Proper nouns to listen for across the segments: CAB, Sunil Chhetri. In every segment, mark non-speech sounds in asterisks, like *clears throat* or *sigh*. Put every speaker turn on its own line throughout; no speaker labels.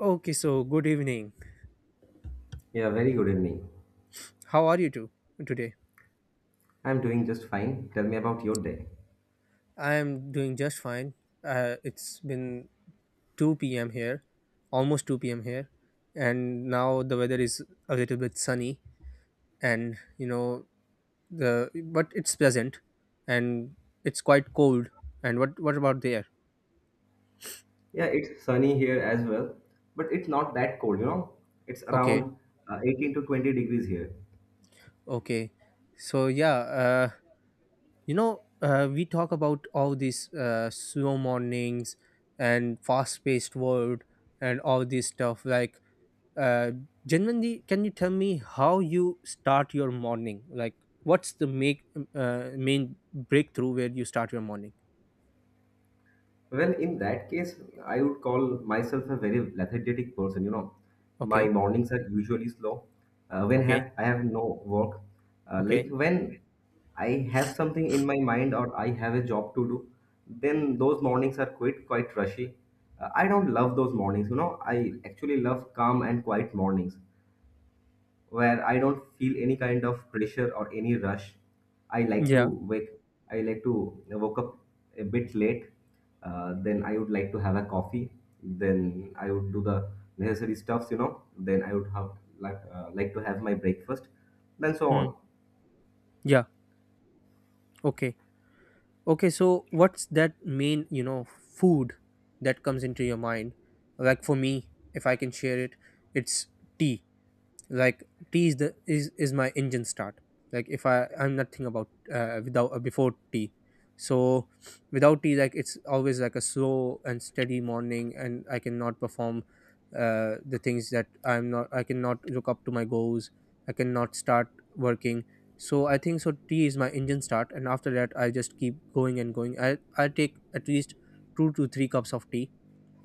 Okay, so good evening.
Yeah, very good evening.
How are you two today?
I'm doing just fine. Tell me about your day.
I am doing just fine. It's been 2 p.m. here, almost 2 p.m. here, and now the weather is a little bit sunny, and you know the but it's pleasant, and it's quite cold. And what about there?
Yeah, it's sunny here as well, but it's not that cold, you know. It's
Okay,
around 18 to 20 degrees here.
okay. So yeah, uh, we talk about all these slow mornings and fast paced world and all this stuff like uh, genuinely, can you tell me how you start your morning, like what's the make main breakthrough where you start your morning?
Well, in that case, I would call myself a very lethargic person. You know, my
Okay,
mornings are usually slow. When
okay,
have I have no work,
okay,
like when I have something in my mind or I have a job to do, then those mornings are quite rushy. I don't love those mornings. You know, I actually love calm and quiet mornings where I don't feel any kind of pressure or any rush. I like to
yeah.
wake. I like to woke up a bit late. Then I would like to have a coffee. Then I would do the necessary stuffs, you know. Then I would have like to have my breakfast. Then so
Hmm.
on.
Yeah, okay, okay. So what's that main food that comes into your mind? Like, for me, if I can share it, it's tea. Like, tea is my engine start. Like, if I'm nothing about, without, before tea. So without tea, like, it's always like a slow and steady morning, and I cannot perform the things that I'm not, I cannot look up to my goals, I cannot start working. So I think so, tea is my engine start, and after that I just keep going and going. I take at least 2 to 3 cups of tea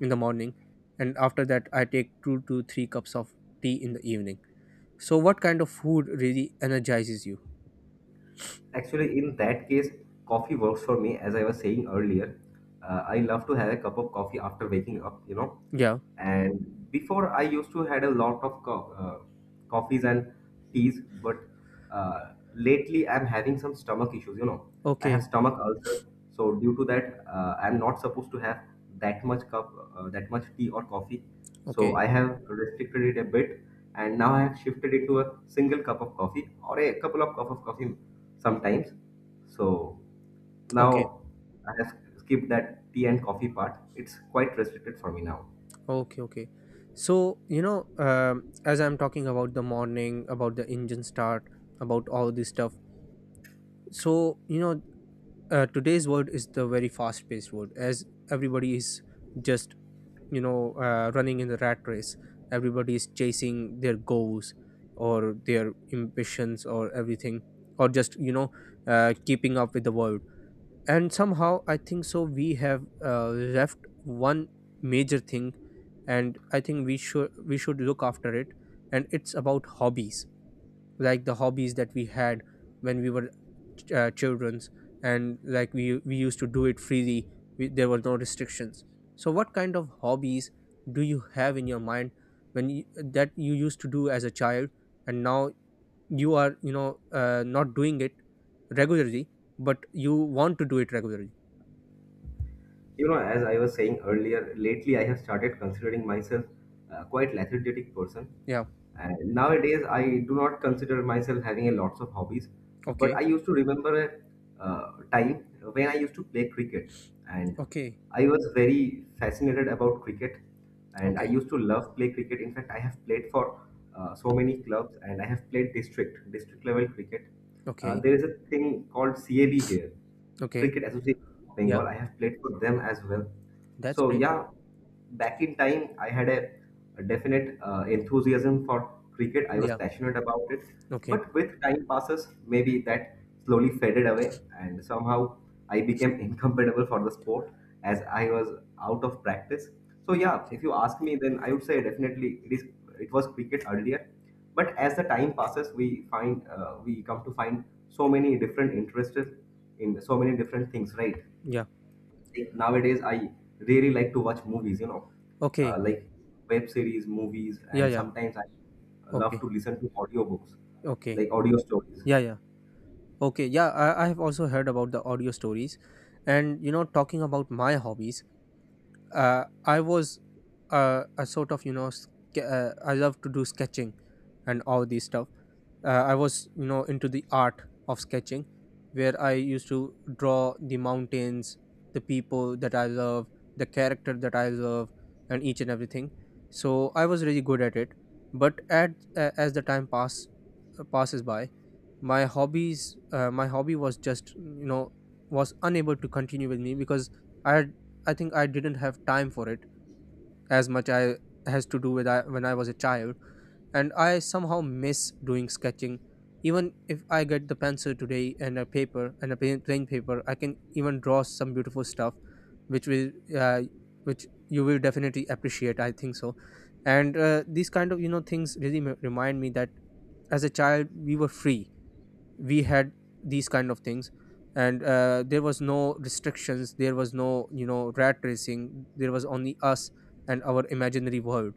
in the morning, and after that I take 2 to 3 cups of tea in the evening. So, what kind of food really energizes you?
Actually, in that case, coffee works for me. As I was saying earlier, I love to have a cup of coffee after waking up, you know,
Yeah.
and before I used to had a lot of coffees and teas, but lately I'm having some stomach issues, you know. I have
Okay.
stomach ulcer, so due to that I'm not supposed to have that much cup, that much tea or coffee, so
Okay.
I have restricted it a bit. And now I have shifted it to a single cup of coffee or a couple of cup of coffee sometimes. So
Okay.
now I have skipped that tea and coffee part. It's quite restricted for me now.
Okay. Okay. So, as I'm talking about the morning, about the engine start, about all this stuff. So, today's world is the very fast paced world, as everybody is just, running in the rat race. Everybody is chasing their goals or their ambitions or everything, or just, keeping up with the world, and somehow I think so we have left one major thing, and I think we should look after it, and it's about hobbies. Like, the hobbies that we had when we were children's, and like we used to do it freely. There were no restrictions. So what kind of hobbies do you have in your mind, when you, that you used to do as a child, and now you are, not doing it regularly, but you want to do it regularly?
You know, as I was saying earlier, lately I have started considering myself quite lethargic person,
Yeah.
and nowadays, I do not consider myself having a lots of hobbies, but
Okay.
I used to remember a time when I used to play cricket, and
Okay.
I was very fascinated about cricket, and I
Okay.
used to love play cricket. In fact, I have played for so many clubs, and I have played district level cricket.
Okay.
There is a thing called CAB here,
Okay.
Cricket Association of
Yeah.
Bengal. I have played for them as well.
That's
So
great.
yeah, back in time, I had a definite enthusiasm for cricket. I was
Yeah.
passionate about it,
Okay.
but with time passes, maybe that slowly faded away, and somehow I became *laughs* incompatible for the sport as I was out of practice. So yeah,
Okay.
if you ask me, then I would say definitely it was cricket earlier, but as the time passes, we find we come to find so many different interests in so many different things, right?
Yeah.
Nowadays I really like to watch movies, you know,
Okay.
like web series, movies,
Yeah.
and
Yeah.
sometimes I love to
Okay.
listen to audiobooks,
Okay.
like audio stories.
Yeah. Yeah. Okay. Yeah. I have also heard about the audio stories. And, talking about my hobbies, I was a sort of you know ske- I love to do sketching and all these stuff. I was, into the art of sketching, where I used to draw the mountains, the people that I love, the character that I love, and each and everything. So I was really good at it. But at as the time passes by, my hobby was just you know was unable to continue with me, because i had I think I didn't have time for it as much I has to do with, when I was a child. And I somehow miss doing sketching. Even if I get the pencil today and a paper and a plain paper, I can even draw some beautiful stuff which will uh, which you will definitely appreciate, I think so. And these kind of things really remind me that as a child we were free, we had these kind of things, and there was no restrictions, there was no, rat racing, there was only us and our imaginary world.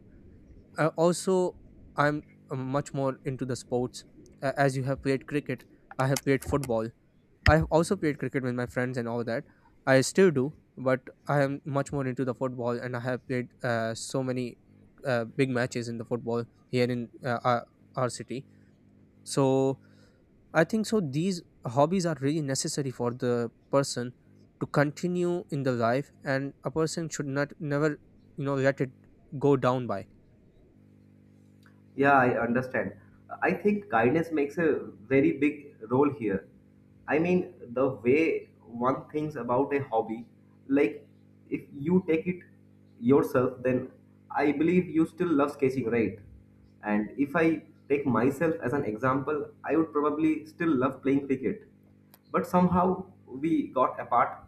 Also, I'm much more into the sports. As you have played cricket, I have played football. I have also played cricket with my friends and all that, I still do, but I am much more into the football, and I have played so many big matches in the football here in our city. So I think so, these hobbies are really necessary for the person to continue in the life, and a person should not never, let it go down by.
Yeah, I understand. I think kindness makes a very big role here. I mean, the way one thinks about a hobby, like if you take it yourself, then I believe you still love sketching, right? And if I take myself as an example, I would probably still love playing cricket. But somehow we got apart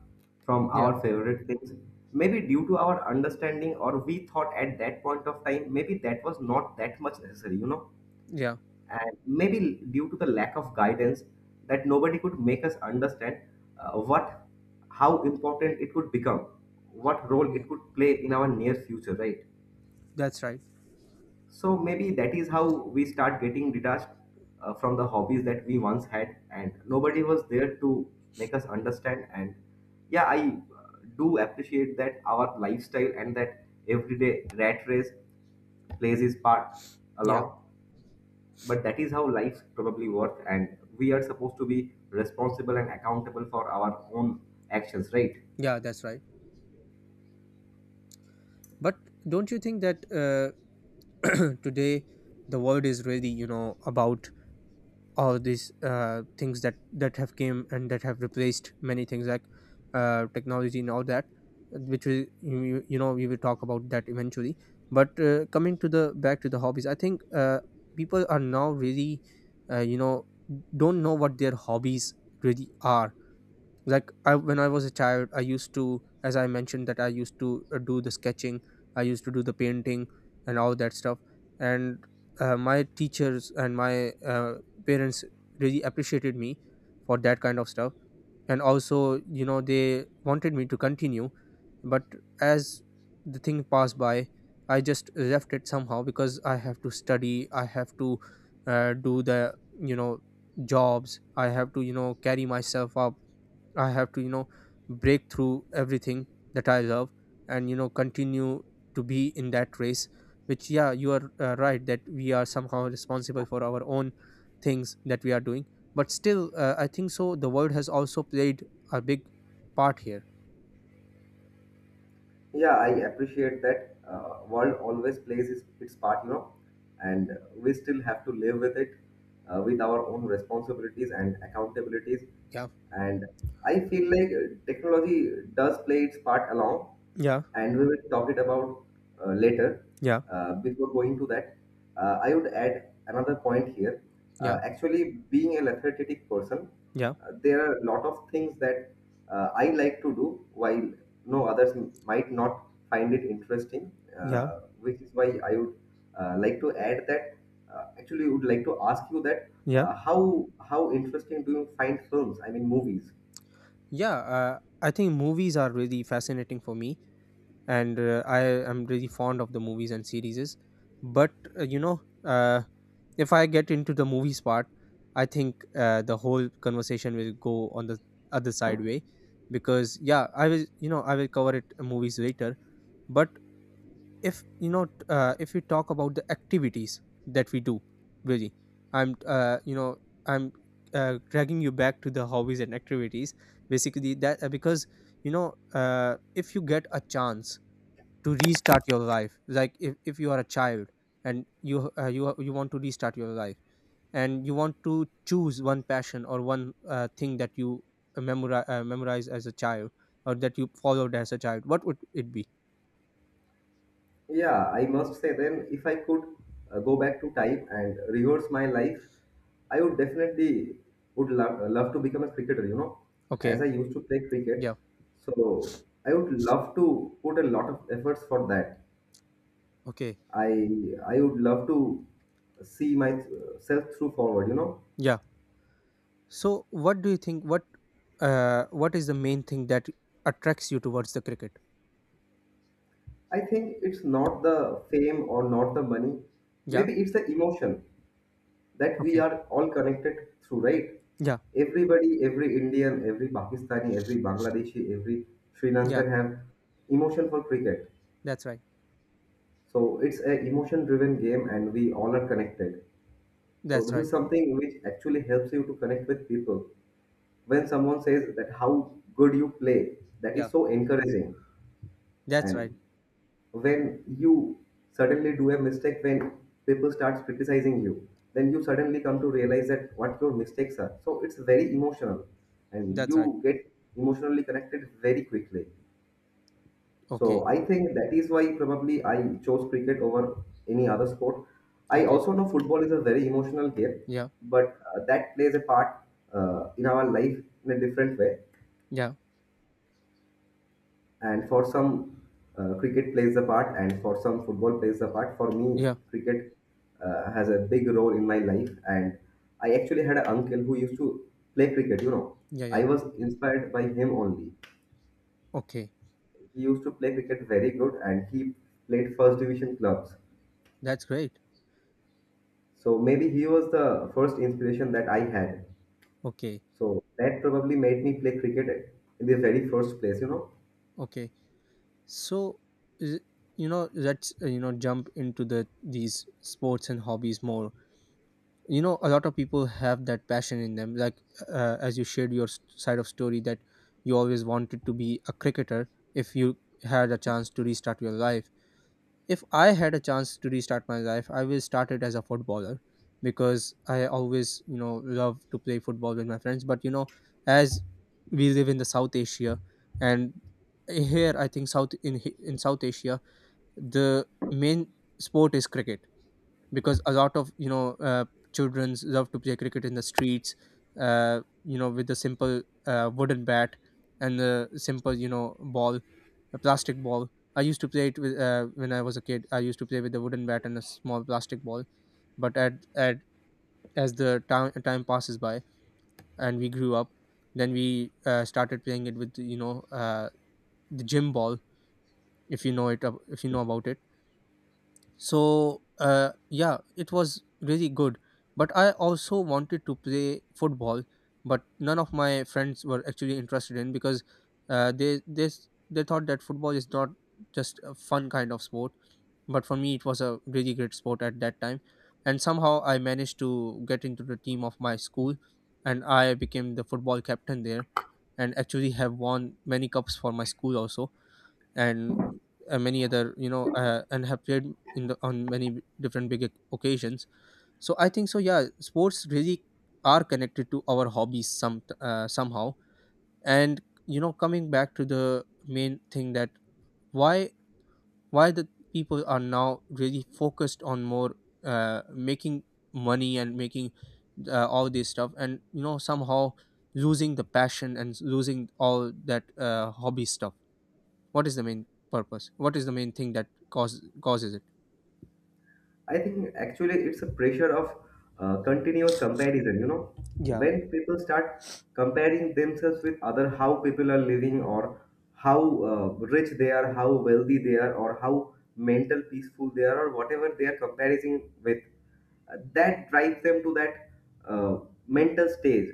from
Yeah,
our favorite things. Maybe due to our understanding, or we thought at that point of time, maybe that was not that much necessary, you know.
yeah,
And maybe due to the lack of guidance, that nobody could make us understand uh, what, how important it could become, what role
yeah.
it could play in our near future, right?
That's right.
So maybe that is how we start getting detached from the hobbies that we once had, and
Okay.
nobody was there to make us understand. And yeah, I do appreciate that our lifestyle and that everyday rat race plays its part
Yeah,
along. But that is how life probably works, and we are supposed to be responsible and accountable for our own actions, right?
yeah. That's right. But don't you think that, *clears throat* today the world is really, you know, about all these things that have came and that have replaced many things, like technology and all that, which we you, you you know we will talk about that eventually? But, coming to the back to the hobbies, I think, people are now really, uh, you know don't know what their hobbies really are. Like, when I was a child I used to, as I mentioned that I used to do the sketching, I used to do the painting and all that stuff. And my teachers and my, parents really appreciated me for that kind of stuff, and also, they wanted me to continue. But as the thing passed by, I just left it somehow, because I have to study, I have to, do the, you know jobs, I have to, carry myself up. I have to, break through everything that I love, and, continue to be in that race. Which, yeah, you are right, that we are somehow responsible for our own things that we are doing. But still, I think so, the world has also played a big part here.
Yeah, I appreciate that. World always plays its part, you know, and we still have to live with it, with our own responsibilities and accountabilities.
Yeah.
And I feel like technology does play its part along,
Yeah.
and we will talk it about later.
Yeah.
Before going to that, I would add another point here.
Yeah.
Actually, being a lethargic person,
Yeah.
there are a lot of things that I like to do while no others might not find it interesting,
Yeah.
which is why I would like to add that. Actually, would like to ask you that
Yeah.
how interesting do you find films? I mean, movies.
Yeah. I think movies are really fascinating for me. And I am really fond of the movies and series. But, if I get into the movies part, I think the whole conversation will go on the other side way, because yeah, I will cover it, movies later. But, if you know t- if we talk about the activities that we do, really, I'm I'm dragging you back to the hobbies and activities, basically, that because, if you get a chance to restart your life, like, if you are a child and you want to restart your life, and you want to choose one passion or one thing that you memorize as a child, or that you followed as a child, what would it be?
Yeah, I must say then, if I could go back to time and reverse my life, I would definitely would love to become a cricketer, you know,
Okay.
as I used to play cricket.
Yeah.
So I would love to put a lot of efforts for that.
Okay.
I would love to see myself through forward, you know.
Yeah. So what do you think, what is the main thing that attracts you towards the cricket?
I think it's not the fame or not the money.
Yeah.
Maybe it's the emotion. That we
Okay.
are all connected through, right?
Yeah.
Everybody, every Indian, every Pakistani, every Bangladeshi, every Sri
Yeah.
Lankan have emotion for cricket.
That's right.
So it's a emotion-driven game, and we all are connected. So
That's
this
right.
is something which actually helps you to connect with people. When someone says that how good you play, that is
Yeah.
so encouraging,
That's right.
and when you suddenly do a mistake, when people start criticizing you, then you suddenly come to realize that what your mistakes are. So it's very emotional, and
That's right.
you get emotionally connected very quickly. So
Okay.
I think that is why probably I chose cricket over any other sport. I
Okay.
also know football is a very emotional game,
Yeah.
but that plays a part in our life in a different way.
Yeah.
And for some, cricket plays a part, and for some, football plays a part. For me,
Yeah.
cricket has a big role in my life. And I actually had an uncle who used to play cricket, you know.
Yeah. Yeah.
I was inspired by him only.
Okay.
He used to play cricket very good, and he played first division clubs.
That's great.
So maybe he was the first inspiration that I had.
Okay.
So that probably made me play cricket in the very first place, you know.
Okay. So, is you know let's, jump into these sports and hobbies more. A lot of people have that passion in them. Like, as you shared your side of story, that you always wanted to be a cricketer if you had a chance to restart your life. If I had a chance to restart my life, I will start it as a footballer, because I always, love to play football with my friends. But, as we live in the South Asia, and here I think, South in South Asia, the main sport is cricket, because a lot of, children love to play cricket in the streets, with the simple wooden bat, and the simple ball, a plastic ball. I used to play it with When I was a kid, I used to play with the wooden bat and a small plastic ball. But at as the time passes by and we grew up, then we, started playing it with, the gym ball, if you know it ab- if you know about it. So, yeah, it was really good. But I also wanted to play football, but none of my friends were actually interested in, because they thought that football is not just a fun kind of sport. But for me, it was a really great sport at that time, and somehow I managed to get into the team of my school, and I became the football captain there, and actually have won many cups for my school also and many other and have played in on many different big occasions. So I think yeah, sports really are connected to our hobbies somehow. And you know, coming back to the main thing that why why the people are now really focused on more making money and making all this stuff and you know, somehow losing the passion and losing all that hobby stuff. What is the main purpose? What is the main thing that causes it?
I think actually it's a pressure of continuous comparison. You know,
Yeah,
when people start comparing themselves with other, how people are living, or how rich they are, how wealthy they are, or how mental peaceful they are, or whatever they are comparing with, that drives them to that uh, mental stage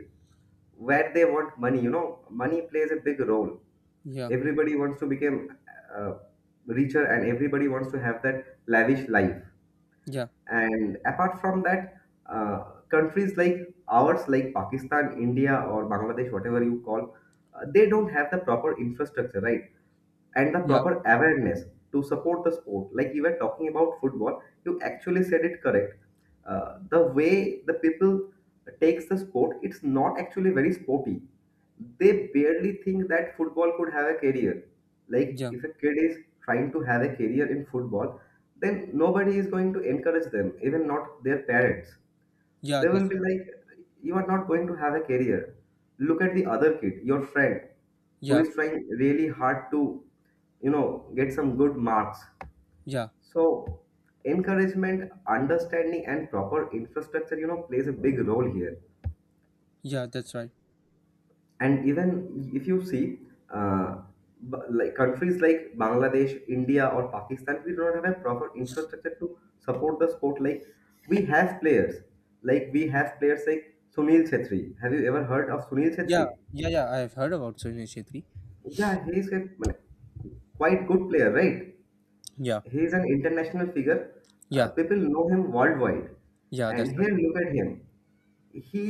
where they want money. You know, money plays a big role.
yeah,
Everybody wants to become uh, richer, and everybody wants to have that lavish life.
yeah,
And apart from that, uh, countries like ours, like Pakistan, India, or Bangladesh, whatever you call, they don't have the proper infrastructure, right? And the
yeah,
proper awareness to support the sport. Like you were talking about football, you actually said it correct. The way the people takes the sport, it's not actually very sporty. They barely think that football could have a career. Like
yeah,
if a kid is trying to have a career in football, then nobody is going to encourage them, even not their parents.
yeah,
They will
that's
be
right.
like, you are not going to have a career. Look at the other kid, your friend, who
Yeah,
is trying really hard to, you know, get some good marks.
yeah,
So, encouragement, understanding, and proper infrastructure, you know, plays a big role here.
yeah, that's right.
And even if you see uh, like countries like Bangladesh, India, or Pakistan, we don't have a proper infrastructure to support the sport. Like we have players we have players like Sunil Chhetri. Have you ever heard of Sunil
Yeah,
Chhetri?
yeah, yeah, I have heard about Sunil Shetty.
Yeah, he is a মানে, quite good player, right?
Yeah,
He is an international figure.
yeah,
People know him worldwide.
yeah,
And
that's right.
here look at him, he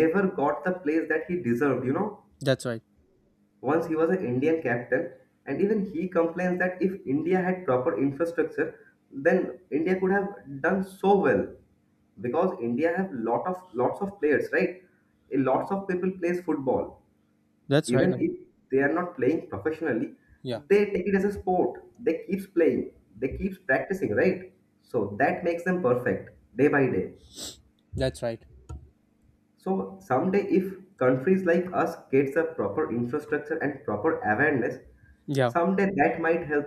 never got the place that he deserved, you know.
That's right.
Once he was an Indian captain, and even he complains that if India had proper infrastructure, then India could have done so well, because India have lots of players, right? A lots of people plays football.
That's right.
Even
Ashwin.
if they are not playing professionally,
Yeah,
they take it as a sport. They keeps playing. They keeps practicing, right? So that makes them perfect day by day.
that's right.
So someday, if countries like us gets a proper infrastructure and proper awareness,
Yeah,
someday that might help.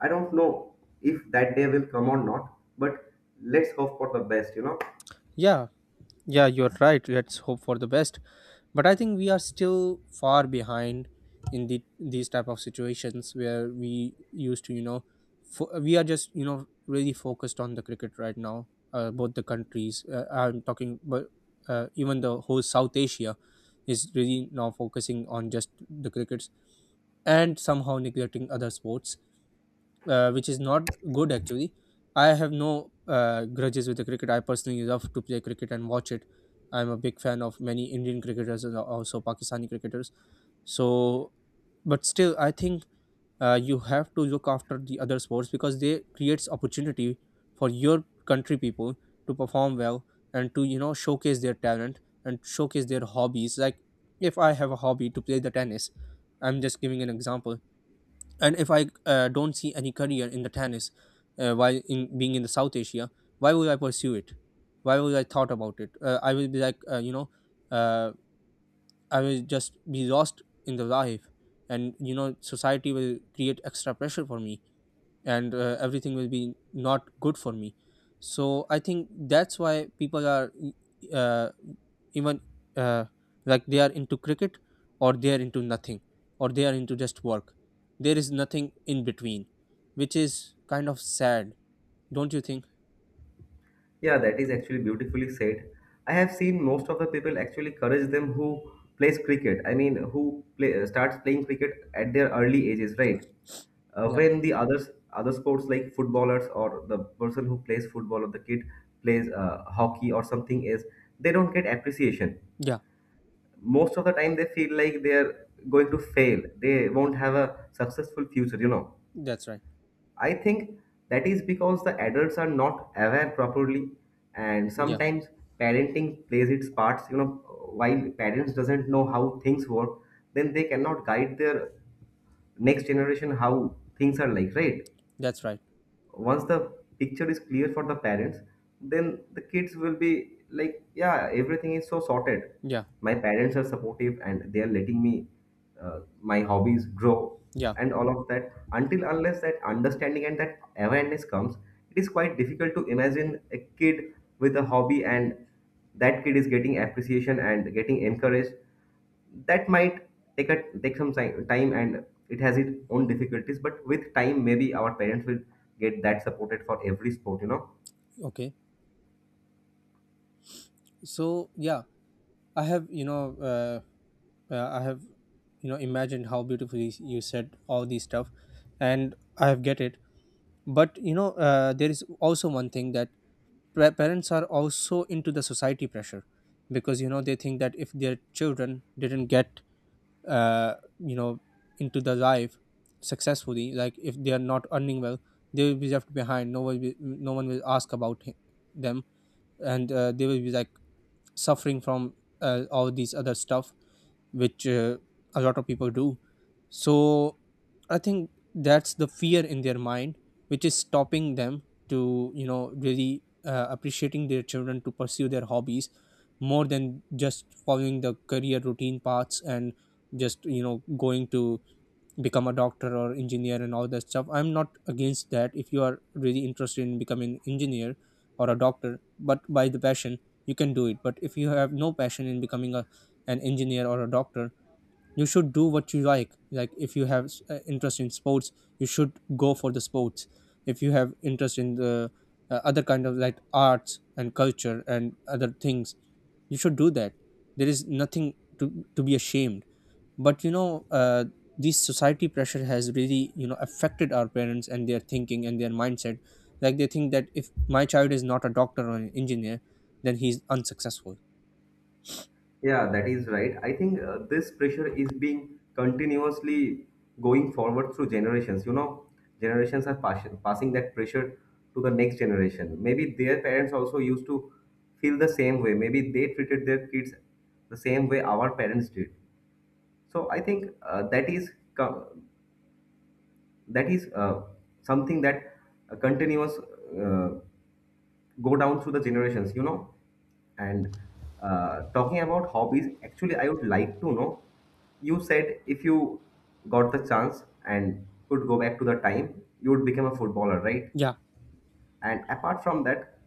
I don't know if that day will come or not, but let's hope for the best. You know.
yeah, yeah, you're right. Let's hope for the best. But I think we are still far behind in the, these type of situations where we used to, you know, we are just, you know, really focused on the cricket right now, both the countries, I'm talking, but even the whole South Asia is really now focusing on just the crickets and somehow neglecting other sports, which is not good, actually. I have no grudges with the cricket. I personally love to play cricket and watch it. I'm a big fan of many Indian cricketers and also Pakistani cricketers. So, but still, I think you have to look after the other sports because they creates opportunity for your country people to perform well and to, you know, showcase their talent and showcase their hobbies. Like, if I have a hobby to play the tennis, I'm just giving an example, and if I don't see any career in the tennis, while in being in the South Asia, why would I pursue it? Why would I thought about it? I will be like, you know, uh, I will just be lost in the life, and you know, society will create extra pressure for me, and everything will be not good for me. So I think that's why people are, uh, even, uh, like, they are into cricket or they are into nothing or they are into just work. There is nothing in between, which is kind of sad. Don't you think?
Yeah, that is actually beautifully said. I have seen most of the people actually encourage them who plays cricket. I mean, who play, starts playing cricket at their early ages, right?
Yeah,
When the others Other sports like footballers or the person who plays football or the kid plays hockey or something is, they don't get appreciation.
yeah,
Most of the time, they feel like they are going to fail. They won't have a successful future.
that's right.
I think that is because the adults are not aware properly, and
Yeah,
sometimes parenting plays its parts. While parents doesn't know how things work, then they cannot guide their next generation how things are like, right?
that's right.
Once the picture is clear for the parents, then the kids will be like, yeah, everything is so sorted.
Yeah,
My parents are supportive and they are letting me my hobbies grow,
yeah.
and all of that. Until unless that understanding and that awareness comes, it is quite difficult to imagine a kid with a hobby and that kid is getting appreciation and getting encouraged. That might take some time, and it has its own difficulties, but with time maybe our parents will get that supported for every sport.
Okay, so yeah, I have, you know, uh, I have, you know, imagined how beautifully you said all these stuff, and I have get it. But you know, there is also one thing that parents are also into the society pressure, because you know, they think that if their children didn't get, you know, into the life successfully, like if they are not earning well, they will be left behind. No one will ask about them, and they will be like suffering from, all these other stuff, which, a lot of people do. So I think that's the fear in their mind, which is stopping them to, you know, really appreciating their children to pursue their hobbies more than just following the career routine paths and just, you know, going to become a doctor or engineer and all that stuff. I'm not against that if you are really interested in becoming engineer or a doctor, but by the passion, you can do it. But if you have no passion in becoming a, an engineer or a doctor, you should do what you like. Like, if you have interest in sports, you should go for the sports. If you have interest in the, other kind of like arts and culture and other things, you should do that. There is nothing to be ashamed. But you know, this society pressure has really, you know, affected our parents and their thinking and their mindset. Like, they think that if my child is not a doctor or an engineer, then he's unsuccessful.
Yeah, that is right. I think this pressure is being continuously going forward through generations, generations are passing that pressure to the next generation. Maybe their parents also used to feel the same way. Maybe they treated their kids the same way our parents did. So I think that is co- that is something that continuous go down through the generations. And talking about hobbies, actually I would like to know, you said if you got the chance and could go back to the time, you would become a footballer, right?
Yeah,
And apart from that,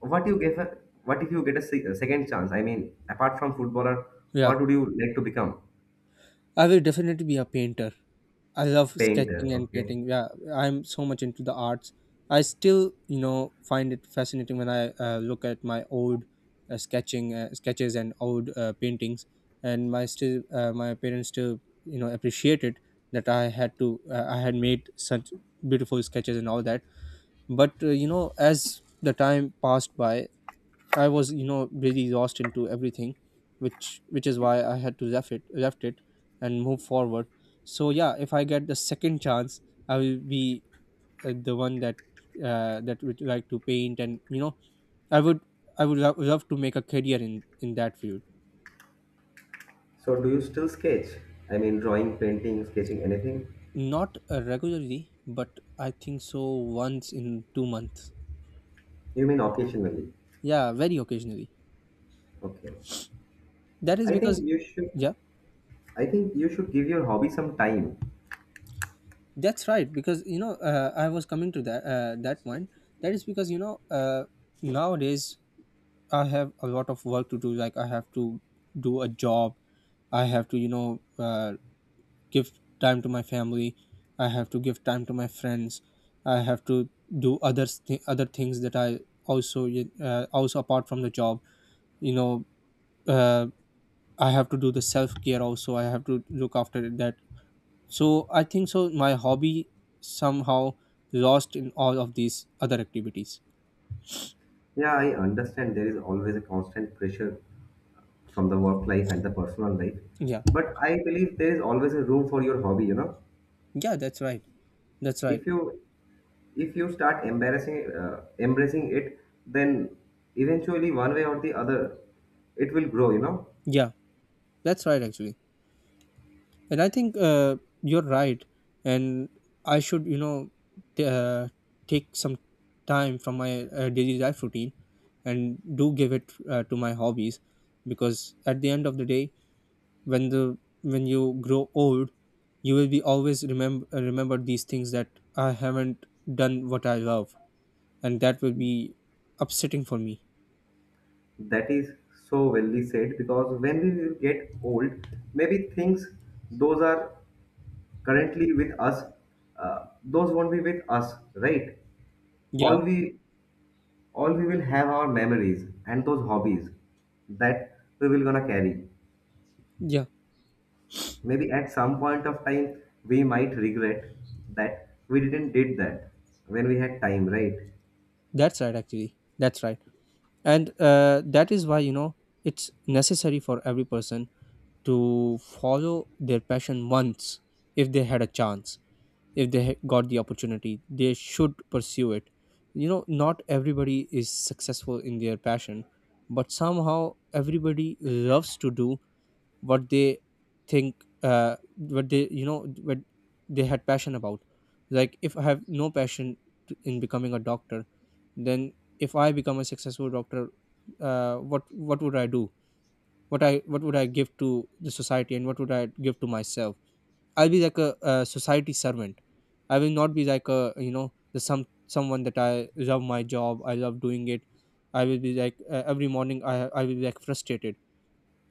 what you give a, what if you get a second chance? I mean, apart from footballer,
yeah.
what would you like to become?
I will definitely be a painter. I love
Painter,
sketching and
okay.
painting. Yeah, I'm so much into the arts. I still, you know, find it fascinating when I look at my old sketching, sketches and old paintings, and my still, my parents still, you know, appreciate it that I had to, I had made such beautiful sketches and all that. But you know, as the time passed by, I was, you know, really lost into everything, which is why I had to left it, and move forward. So yeah, if I get the second chance, I will be the one that that would like to paint, and you know, I would, I would love to make a career in that field.
So do you still sketch? I mean, drawing, painting, sketching, anything?
Not regularly, but I think so once in 2 months.
You mean occasionally?
Yeah, very occasionally.
Okay.
That is
I
because
think you should
yeah.
I think you should give your hobby some time.
That's right, because you know, I was coming to that, that point. That is because you know, nowadays I have a lot of work to do. Like, I have to do a job. I have to, you know, give time to my family. I have to give time to my friends. I have to do other things that I also also apart from the job. You know, uh, I have to do the self care also. I have to look after that. So I think so my hobby somehow lost in all of these other activities.
Yeah, I understand there is always a constant pressure from the work life and the personal life,
Yeah.
but I believe there is always a room for your hobby, you know.
Yeah, that's right. That's right.
If you if you start embarrassing embracing it, then eventually, one way or the other, it will grow, you know.
Yeah, that's right, actually. And I think you're right, and I should, you know, t- uh, take some time from my daily life routine and do give it to my hobbies, because at the end of the day, when the when you grow old, you will be always remember these things that I haven't done what I love, and that will be upsetting for me.
That is so wellly said, because when we will get old, maybe things those are currently with us, those won't be with us, right?
Yeah,
all we all we will have our memories and those hobbies that we will gonna carry.
yeah,
Maybe at some point of time, we might regret that we didn't did that when we had time, right?
that's right, actually. That's right. And that is why, you know, it's necessary for every person to follow their passion once, if they had a chance, if they got the opportunity, they should pursue it. You know, not everybody is successful in their passion, but somehow everybody loves to do what they think, what they, you know, what they had passion about. Like, if I have no passion in becoming a doctor, then if I become a successful doctor, what would I do? What I, what would I give to the society, and what would I give to myself? I'll be like a society servant. I will not be like a, you know, the someone that I love my job, I love doing it. I will be like, every morning, I will be like frustrated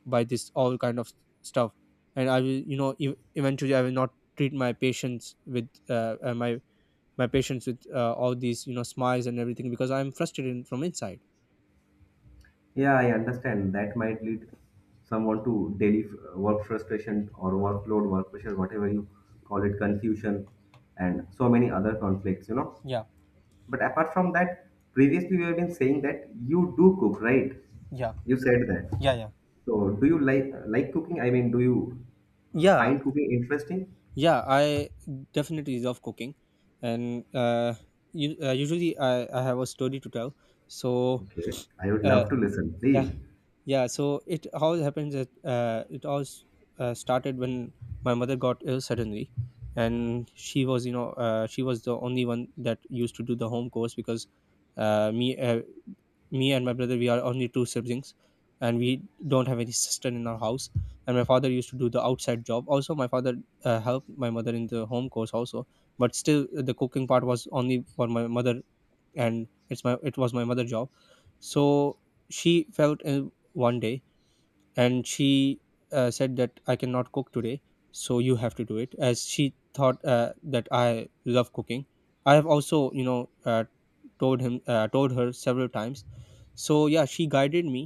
by this all kind of stuff, and I will, you know, eventually I will not treat my my patients with, all these, you know, smiles and everything, because I'm frustrated from inside.
Yeah, I understand. That might lead someone to daily work frustration or workload, work pressure, whatever you call it, confusion, and so many other conflicts, you know.
Yeah,
But apart from that, previously we have been saying that you do cook, right?
yeah,
You said that.
yeah, yeah,
So do you like cooking? I mean, do you
yeah,
find cooking interesting?
yeah. I definitely love cooking, and you, usually I have a story to tell. So
Okay, I would
uh,
love to listen,
yeah.
please.
Yeah, so it how it happens that, it all started when my mother got ill suddenly, and she was, you know, she was the only one that used to do the home course, because uh, me uh, me and my brother, we are only two siblings, and we don't have any sister in our house, and my father used to do the outside job. Also, my father helped my mother in the home course also, but still, the cooking part was only for my mother, and it was my mother job. So she felt ill one day, and she said that I cannot cook today, so you have to do it, as she thought, that I love cooking. I have also, you know, told her several times. So yeah, she guided me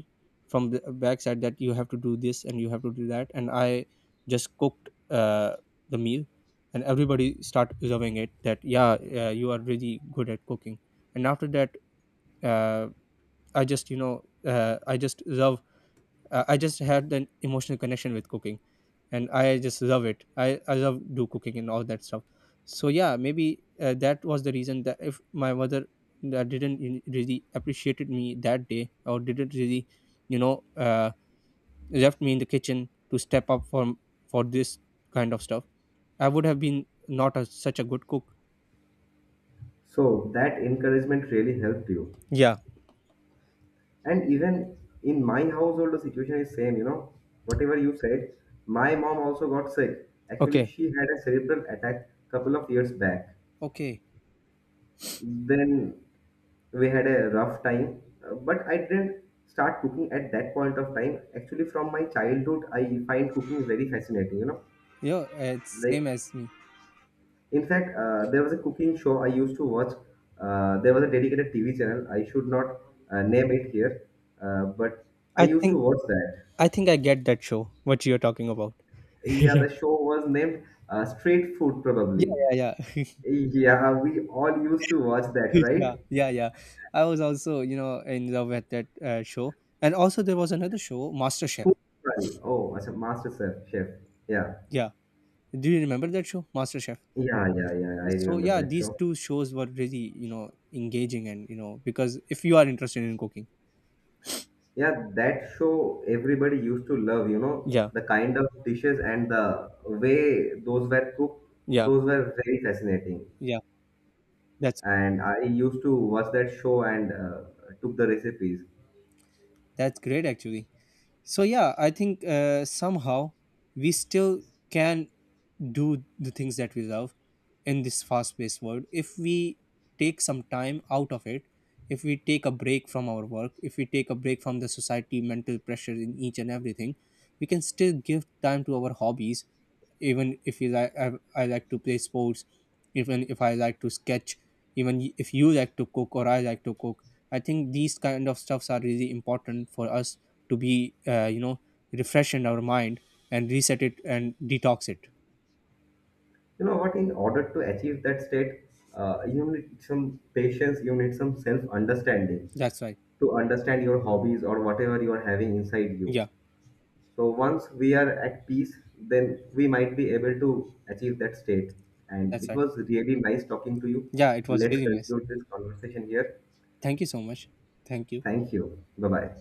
from the backside that you have to do this and you have to do that, and I just cooked, the meal, and everybody start loving it that yeah, you are really good at cooking. And after that, uh, I just, you know, I just had an emotional connection with cooking, and I just love it. I love do cooking and all that stuff. So yeah, maybe that was the reason that if my mother didn't really appreciated me that day, or didn't really, you know, left me in the kitchen to step up for this kind of stuff, I would have been not such a good cook.
So that encouragement really helped you.
Yeah.
And even in my household, the situation is same. You know, whatever you said, my mom also got sick. Actually,
Okay.
she had a cerebral attack couple of years back.
Okay.
Then we had a rough time, but I didn't start cooking at that point of time. Actually, from my childhood I find cooking very fascinating, you know.
Yeah, it's
Like,
same as me.
in fact, there was a cooking show I used to watch. There was a dedicated TV channel, I should not name it here, but I
i
used
think
to watch that.
I think I get that show, what you're talking about.
Yeah, the
*laughs*
show was named Street Food,
Yeah,
probably.
yeah, yeah.
Yeah, we all used to watch
*laughs*
that,
Yeah,
right?
yeah, yeah. *laughs* I was also, you know, in love with that show. And also, there was another show, MasterChef.
Food Trial. Oh, as a master chef yeah.
Yeah. Do you remember that show, MasterChef?
Yeah, I
So,
remember
yeah,
that
these
show.
two shows were really, you know, engaging and, you know, because if you are interested in cooking.
Yeah, that show everybody used to love, you know,
Yeah,
the kind of dishes and the way those were cooked,
yeah,
those were very fascinating.
yeah. That's
And I used to watch that show and took the recipes.
That's great, actually. So yeah, I think somehow we still can do the things that we love in this fast-paced world if we take some time out of it. If we take a break from our work, if we take a break from the society mental pressure in each and everything, we can still give time to our hobbies. Even if you like, I like to play sports, even if I like to sketch, even if you like to cook or I like to cook, I think these kind of stuffs are really important for us to be, you know, refresh in our mind and reset it and detox it.
You know what? In order to achieve that state, you need some patience, you need some self-understanding
That's right.
to understand your hobbies or whatever you are having inside you.
Yeah,
So once we are at peace, then we might be able to achieve that state. And
that's
it
right.
was really nice talking to you.
Yeah, it was
Let's
really nice.
conclude this conversation here.
Thank you so much. Thank you.
Thank you. Bye bye.